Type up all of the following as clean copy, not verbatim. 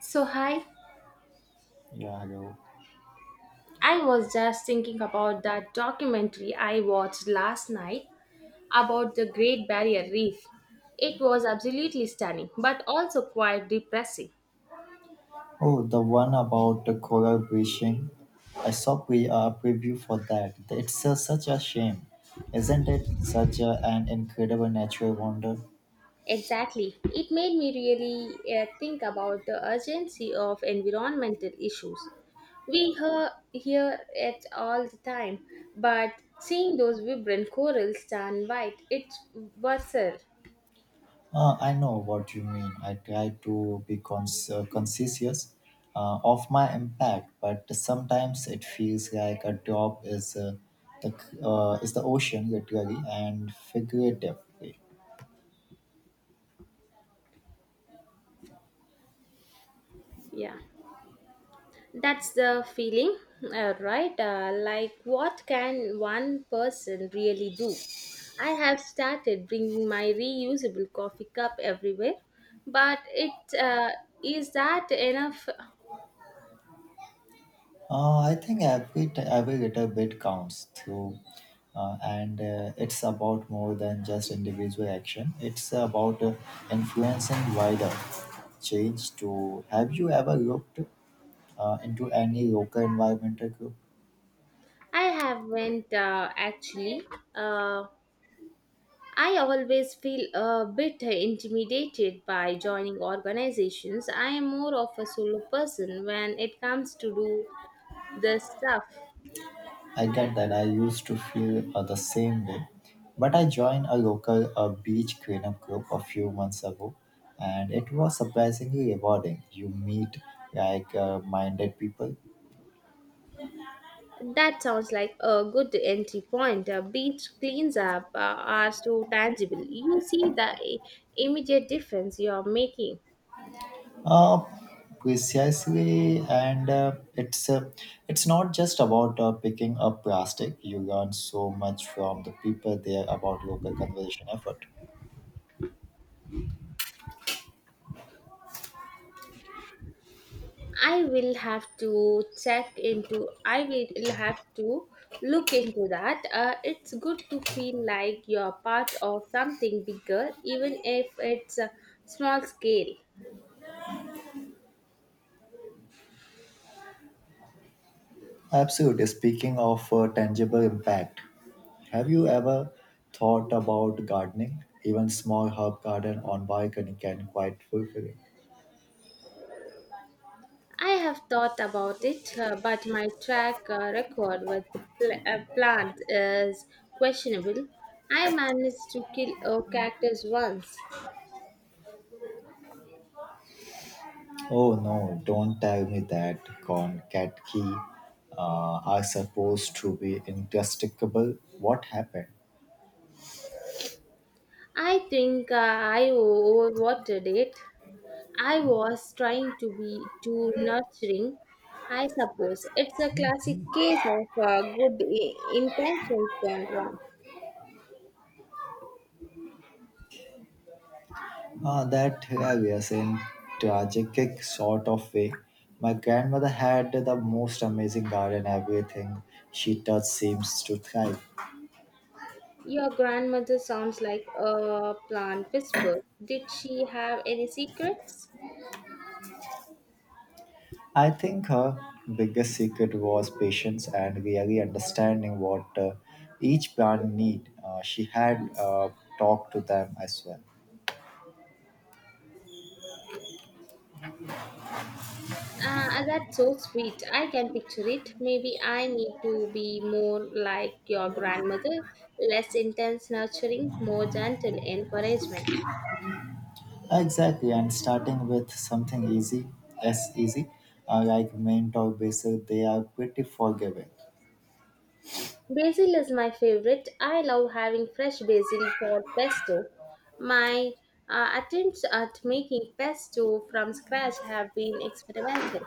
So, hi. Yeah, yo. I was just thinking about that documentary I watched last night about the Great Barrier Reef. It was absolutely stunning, but also quite depressing. Oh, the one about the coral bleaching. I saw a preview for that. It's such a shame, isn't it? Such a, an incredible natural wonder. Exactly. It made me really think about the urgency of environmental issues. We hear it all the time, but seeing those vibrant corals turn white, it's worser. I know what you mean. I try to be conscious of my impact, but sometimes it feels like a drop is the is the ocean literally and figuratively. Yeah. That's the feeling, right? Like, what can one person really do? I have started bringing my reusable coffee cup everywhere, but it is that enough? I think every little bit counts through, and it's about more than just individual action. It's about influencing wider change. To have you ever looked into any local environmental group? I haven't actually. Uh, I always feel a bit intimidated by joining organizations. I am more of a solo person when it comes to do this stuff. I get that. I used to feel the same way, but I joined a local beach cleanup group a few months ago, and it was surprisingly rewarding. You meet like minded people. That sounds like a good entry point. Beach cleans up are so tangible. You see the immediate difference you are making. Uh, Precisely, and it's not just about picking up plastic. You learn so much from the people there about local conservation effort. I will have to check into. I will have to look into that. It's good to feel like you are part of something bigger, even if it's a small scale. Absolutely. Speaking of tangible impact, have you ever thought about gardening? Even small herb garden on balcony can quite fulfilling. I have thought about it, but my track record with the plant is questionable. I managed to kill a cactus once. Oh no! Don't tell me that concatki are supposed to be indestructible. What happened? I think I overwatered it. I was trying to be too nurturing. I suppose it's a classic case of good intentions gone wrong. That, yeah, we are saying tragic sort of way. My grandmother had the most amazing garden. Everything she touched seems to thrive. Your grandmother sounds like a plant whisperer. Did she have any secrets? I think her biggest secret was patience and really understanding what each plant need. She had talked to them as well. That's so sweet. I can picture it. Maybe I need to be more like your grandmother, less intense nurturing, more gentle encouragement. Exactly, and starting with something easy, as easy, like mint or basil, they are pretty forgiving. Basil is my favorite. I love having fresh basil for pesto. My attempts at making pesto from scratch have been experimental.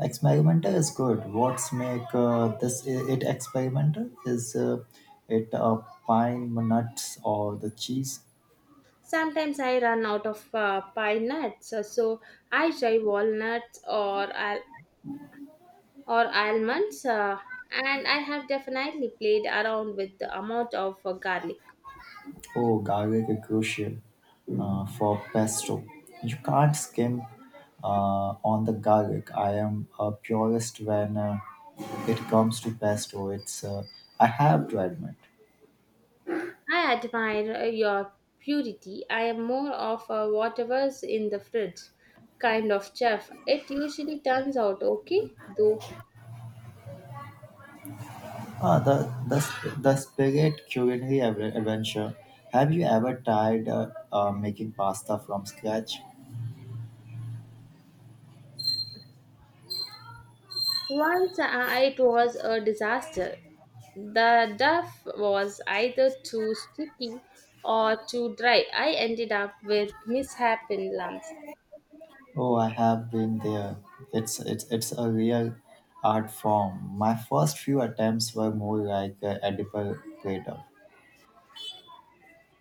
Experimental is good. What's make it experimental is it pine nuts or the cheese? Sometimes I run out of pine nuts, so I try walnuts or I'll or almonds, and I have definitely played around with the amount of garlic. Oh, garlic is crucial for pesto. You can't skim on the garlic. I am a purist when it comes to pesto. It's I have to admit. I admire your purity. I am more of a whatever's in the fridge kind of chef. It usually turns out okay, though. Ah, the spirit culinary adventure. Have you ever tried making pasta from scratch? Once, it was a disaster. The duff was either too sticky or too dry. I ended up with mishap in lungs. Oh, I have been there. It's a real art form. My first few attempts were more like a edible platter.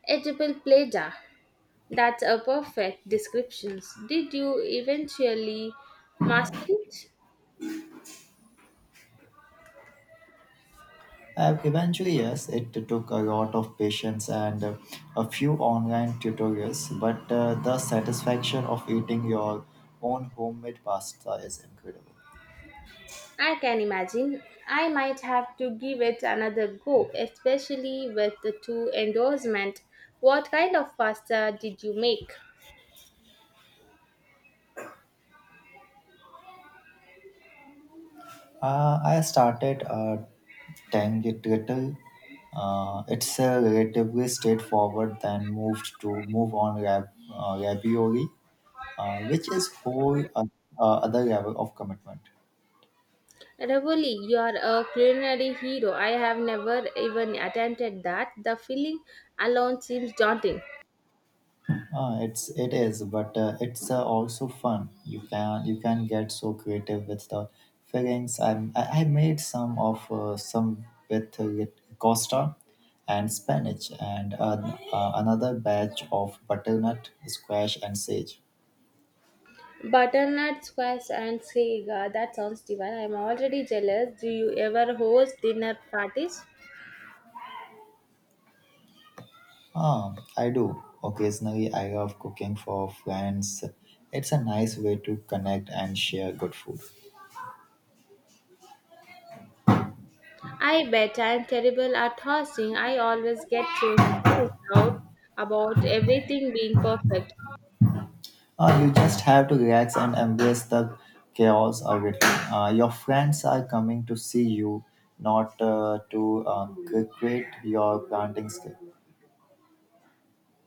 Edible pleasure. That's a perfect description. Did you eventually master it? Eventually, yes, it took a lot of patience and a few online tutorials, but the satisfaction of eating your own homemade pasta is incredible. I can imagine. I might have to give it another go, especially with the two endorsement. What kind of pasta did you make? I started a Tangital. It's a relatively straightforward. Then move on ravioli, which is whole other level of commitment. Ravoli, you are a culinary hero. I have never even attempted that. The filling alone seems daunting. It is, but it's also fun. You can get so creative with the fillings. I made some of some with Costa and spinach, and another batch of butternut, squash, and sage. Butternut squash and sega. That sounds divine. I'm already jealous. Do you ever host dinner parties? Ah, I do. Occasionally, I love cooking for friends. It's a nice way to connect and share good food. I bet I'm terrible at hosting. I always get so stressed out about everything being perfect. You just have to relax and embrace the chaos of it. Your friends are coming to see you, not to cricket your planting skill.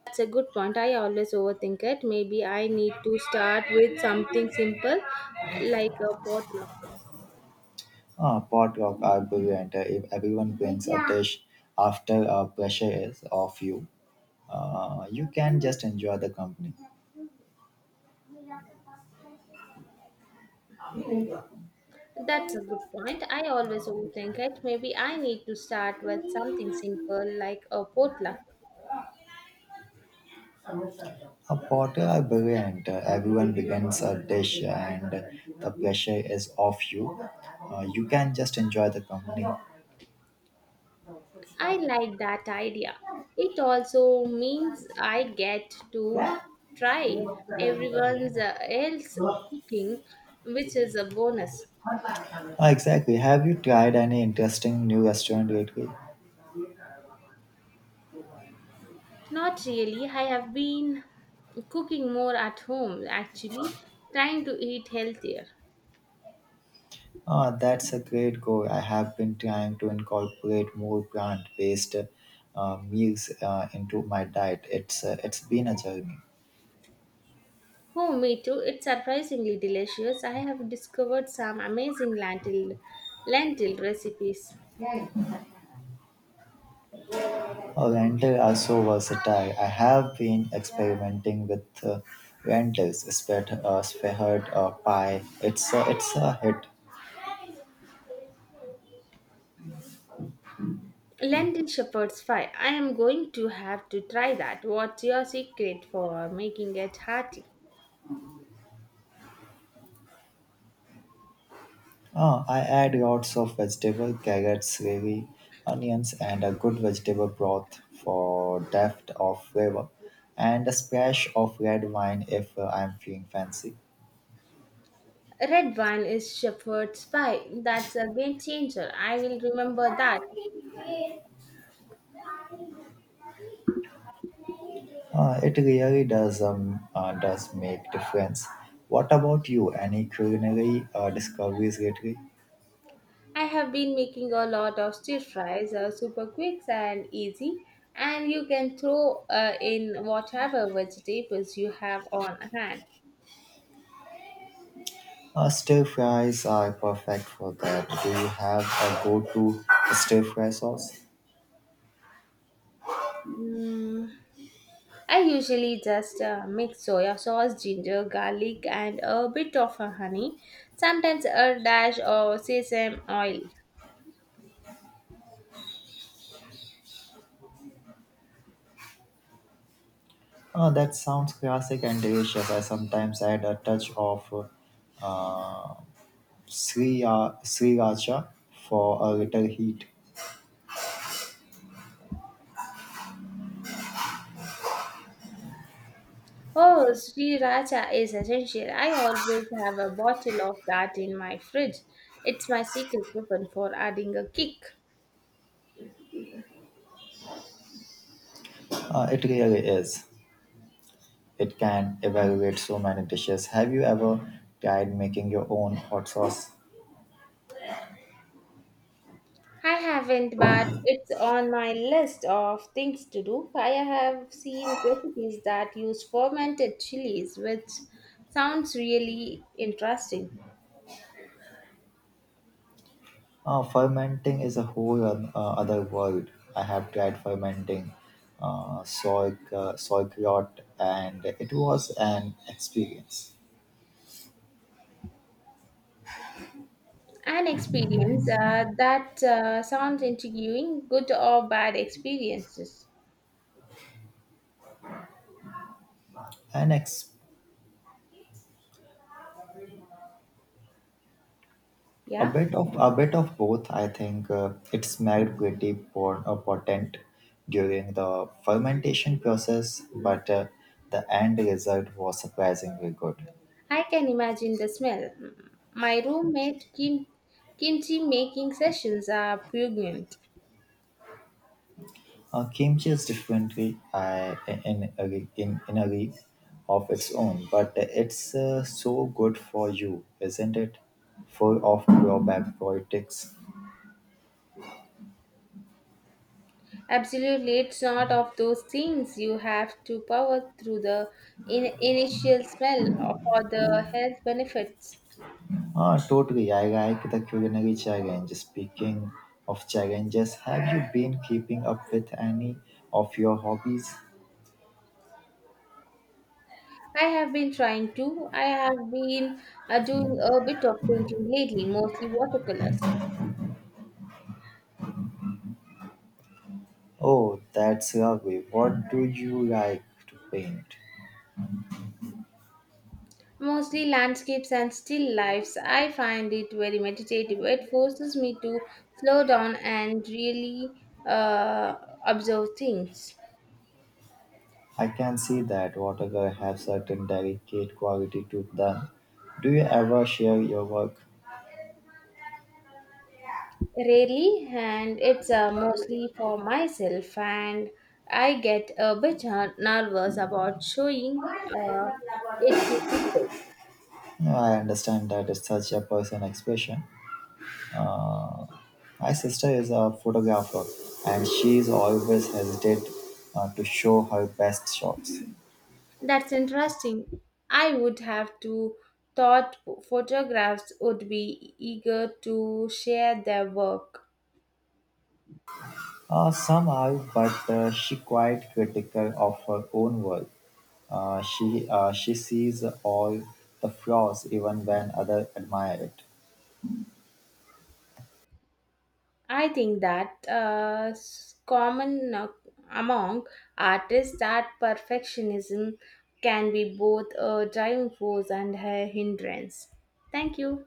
That's a good point. I always overthink it. Maybe I need to start with something simple like a potluck. Potluck are brilliant. If everyone brings a dish, after pressure is off you, you can just enjoy the company. That's a good point. I always overthink it. Maybe I need to start with something simple like a potluck. A potter are brilliant. Everyone begins a dish and the pressure is off you. You can just enjoy the company. I like that idea. It also means I get to Ah, try everyone's else cooking, which is a bonus. exactly. Have you tried any interesting new restaurant lately? Not really. I have been cooking more at home actually, trying to eat healthier. Ah, that's a great goal. I have been trying to incorporate more plant-based meals into my diet. It's been a journey. Oh, me too. It's surprisingly delicious. I have discovered some amazing lentil recipes. Oh, rental are so versatile. I have been experimenting with rentals, spread, pie. It's a hit. Lentil shepherd's pie. I am going to have to try that. What's your secret for making it hearty? Ah, I add lots of vegetable, carrots, gravy, onions, and a good vegetable broth for depth of flavor, and a splash of red wine if I'm feeling fancy. Red wine is shepherd's pie. That's a game changer. I will remember that. It really does make difference. What about you? Any culinary discoveries lately? I have been making a lot of stir fries, super quick and easy, and you can throw in whatever vegetables you have on hand. Stir fries are perfect for that. Do you have a go-to stir fry sauce? Mm, I usually just mix soya sauce, ginger, garlic, and a bit of honey. Sometimes a dash of sesame oil. Oh, that sounds classic and delicious. I sometimes add a touch of uh, Sriracha for a little heat. Oh, sriracha is essential. I always have a bottle of that in my fridge. It's my secret weapon for adding a kick. It really is. It can evaluate so many dishes. Have you ever tried making your own hot sauce? I haven't, but it's on my list of things to do. I have seen recipes that use fermented chilies, which sounds really interesting. Fermenting is a whole other world. I have tried fermenting soy, sauerkraut, and it was an experience. An experience that sounds intriguing, good or bad experiences. An ex. Yeah, A bit of both, I think. It smelled pretty potent during the fermentation process, but the end result was surprisingly good. I can imagine the smell. My roommate kimchi making sessions are pregnant. Kimchi is differently in a league of its own, but it's so good for you, isn't it? Full of probiotics. Absolutely, it's not of those things you have to power through the initial smell for the health benefits. Ah, totally. I like the culinary challenge. Speaking of challenges, have you been keeping up with any of your hobbies? I have been trying to. I have been doing a bit of painting lately, mostly watercolors. Oh, that's lovely. What do you like to paint? Mostly landscapes and still lifes. I find it very meditative. It forces me to slow down and really observe things. I can see that watercolor have certain delicate quality to them. Do you ever share your work? Rarely, and it's mostly for myself, and I get a bit nervous about showing it to people. No, I understand that it's such a personal expression. Uh, my sister is a photographer, and she's always hesitant to show her best shots. That's interesting. I would have to thought photographs would be eager to share their work. Some are, but she quite critical of her own work. She sees all the flaws even when others admire it. I think that common among artists that perfectionism can be both a driving force and a hindrance. Thank you.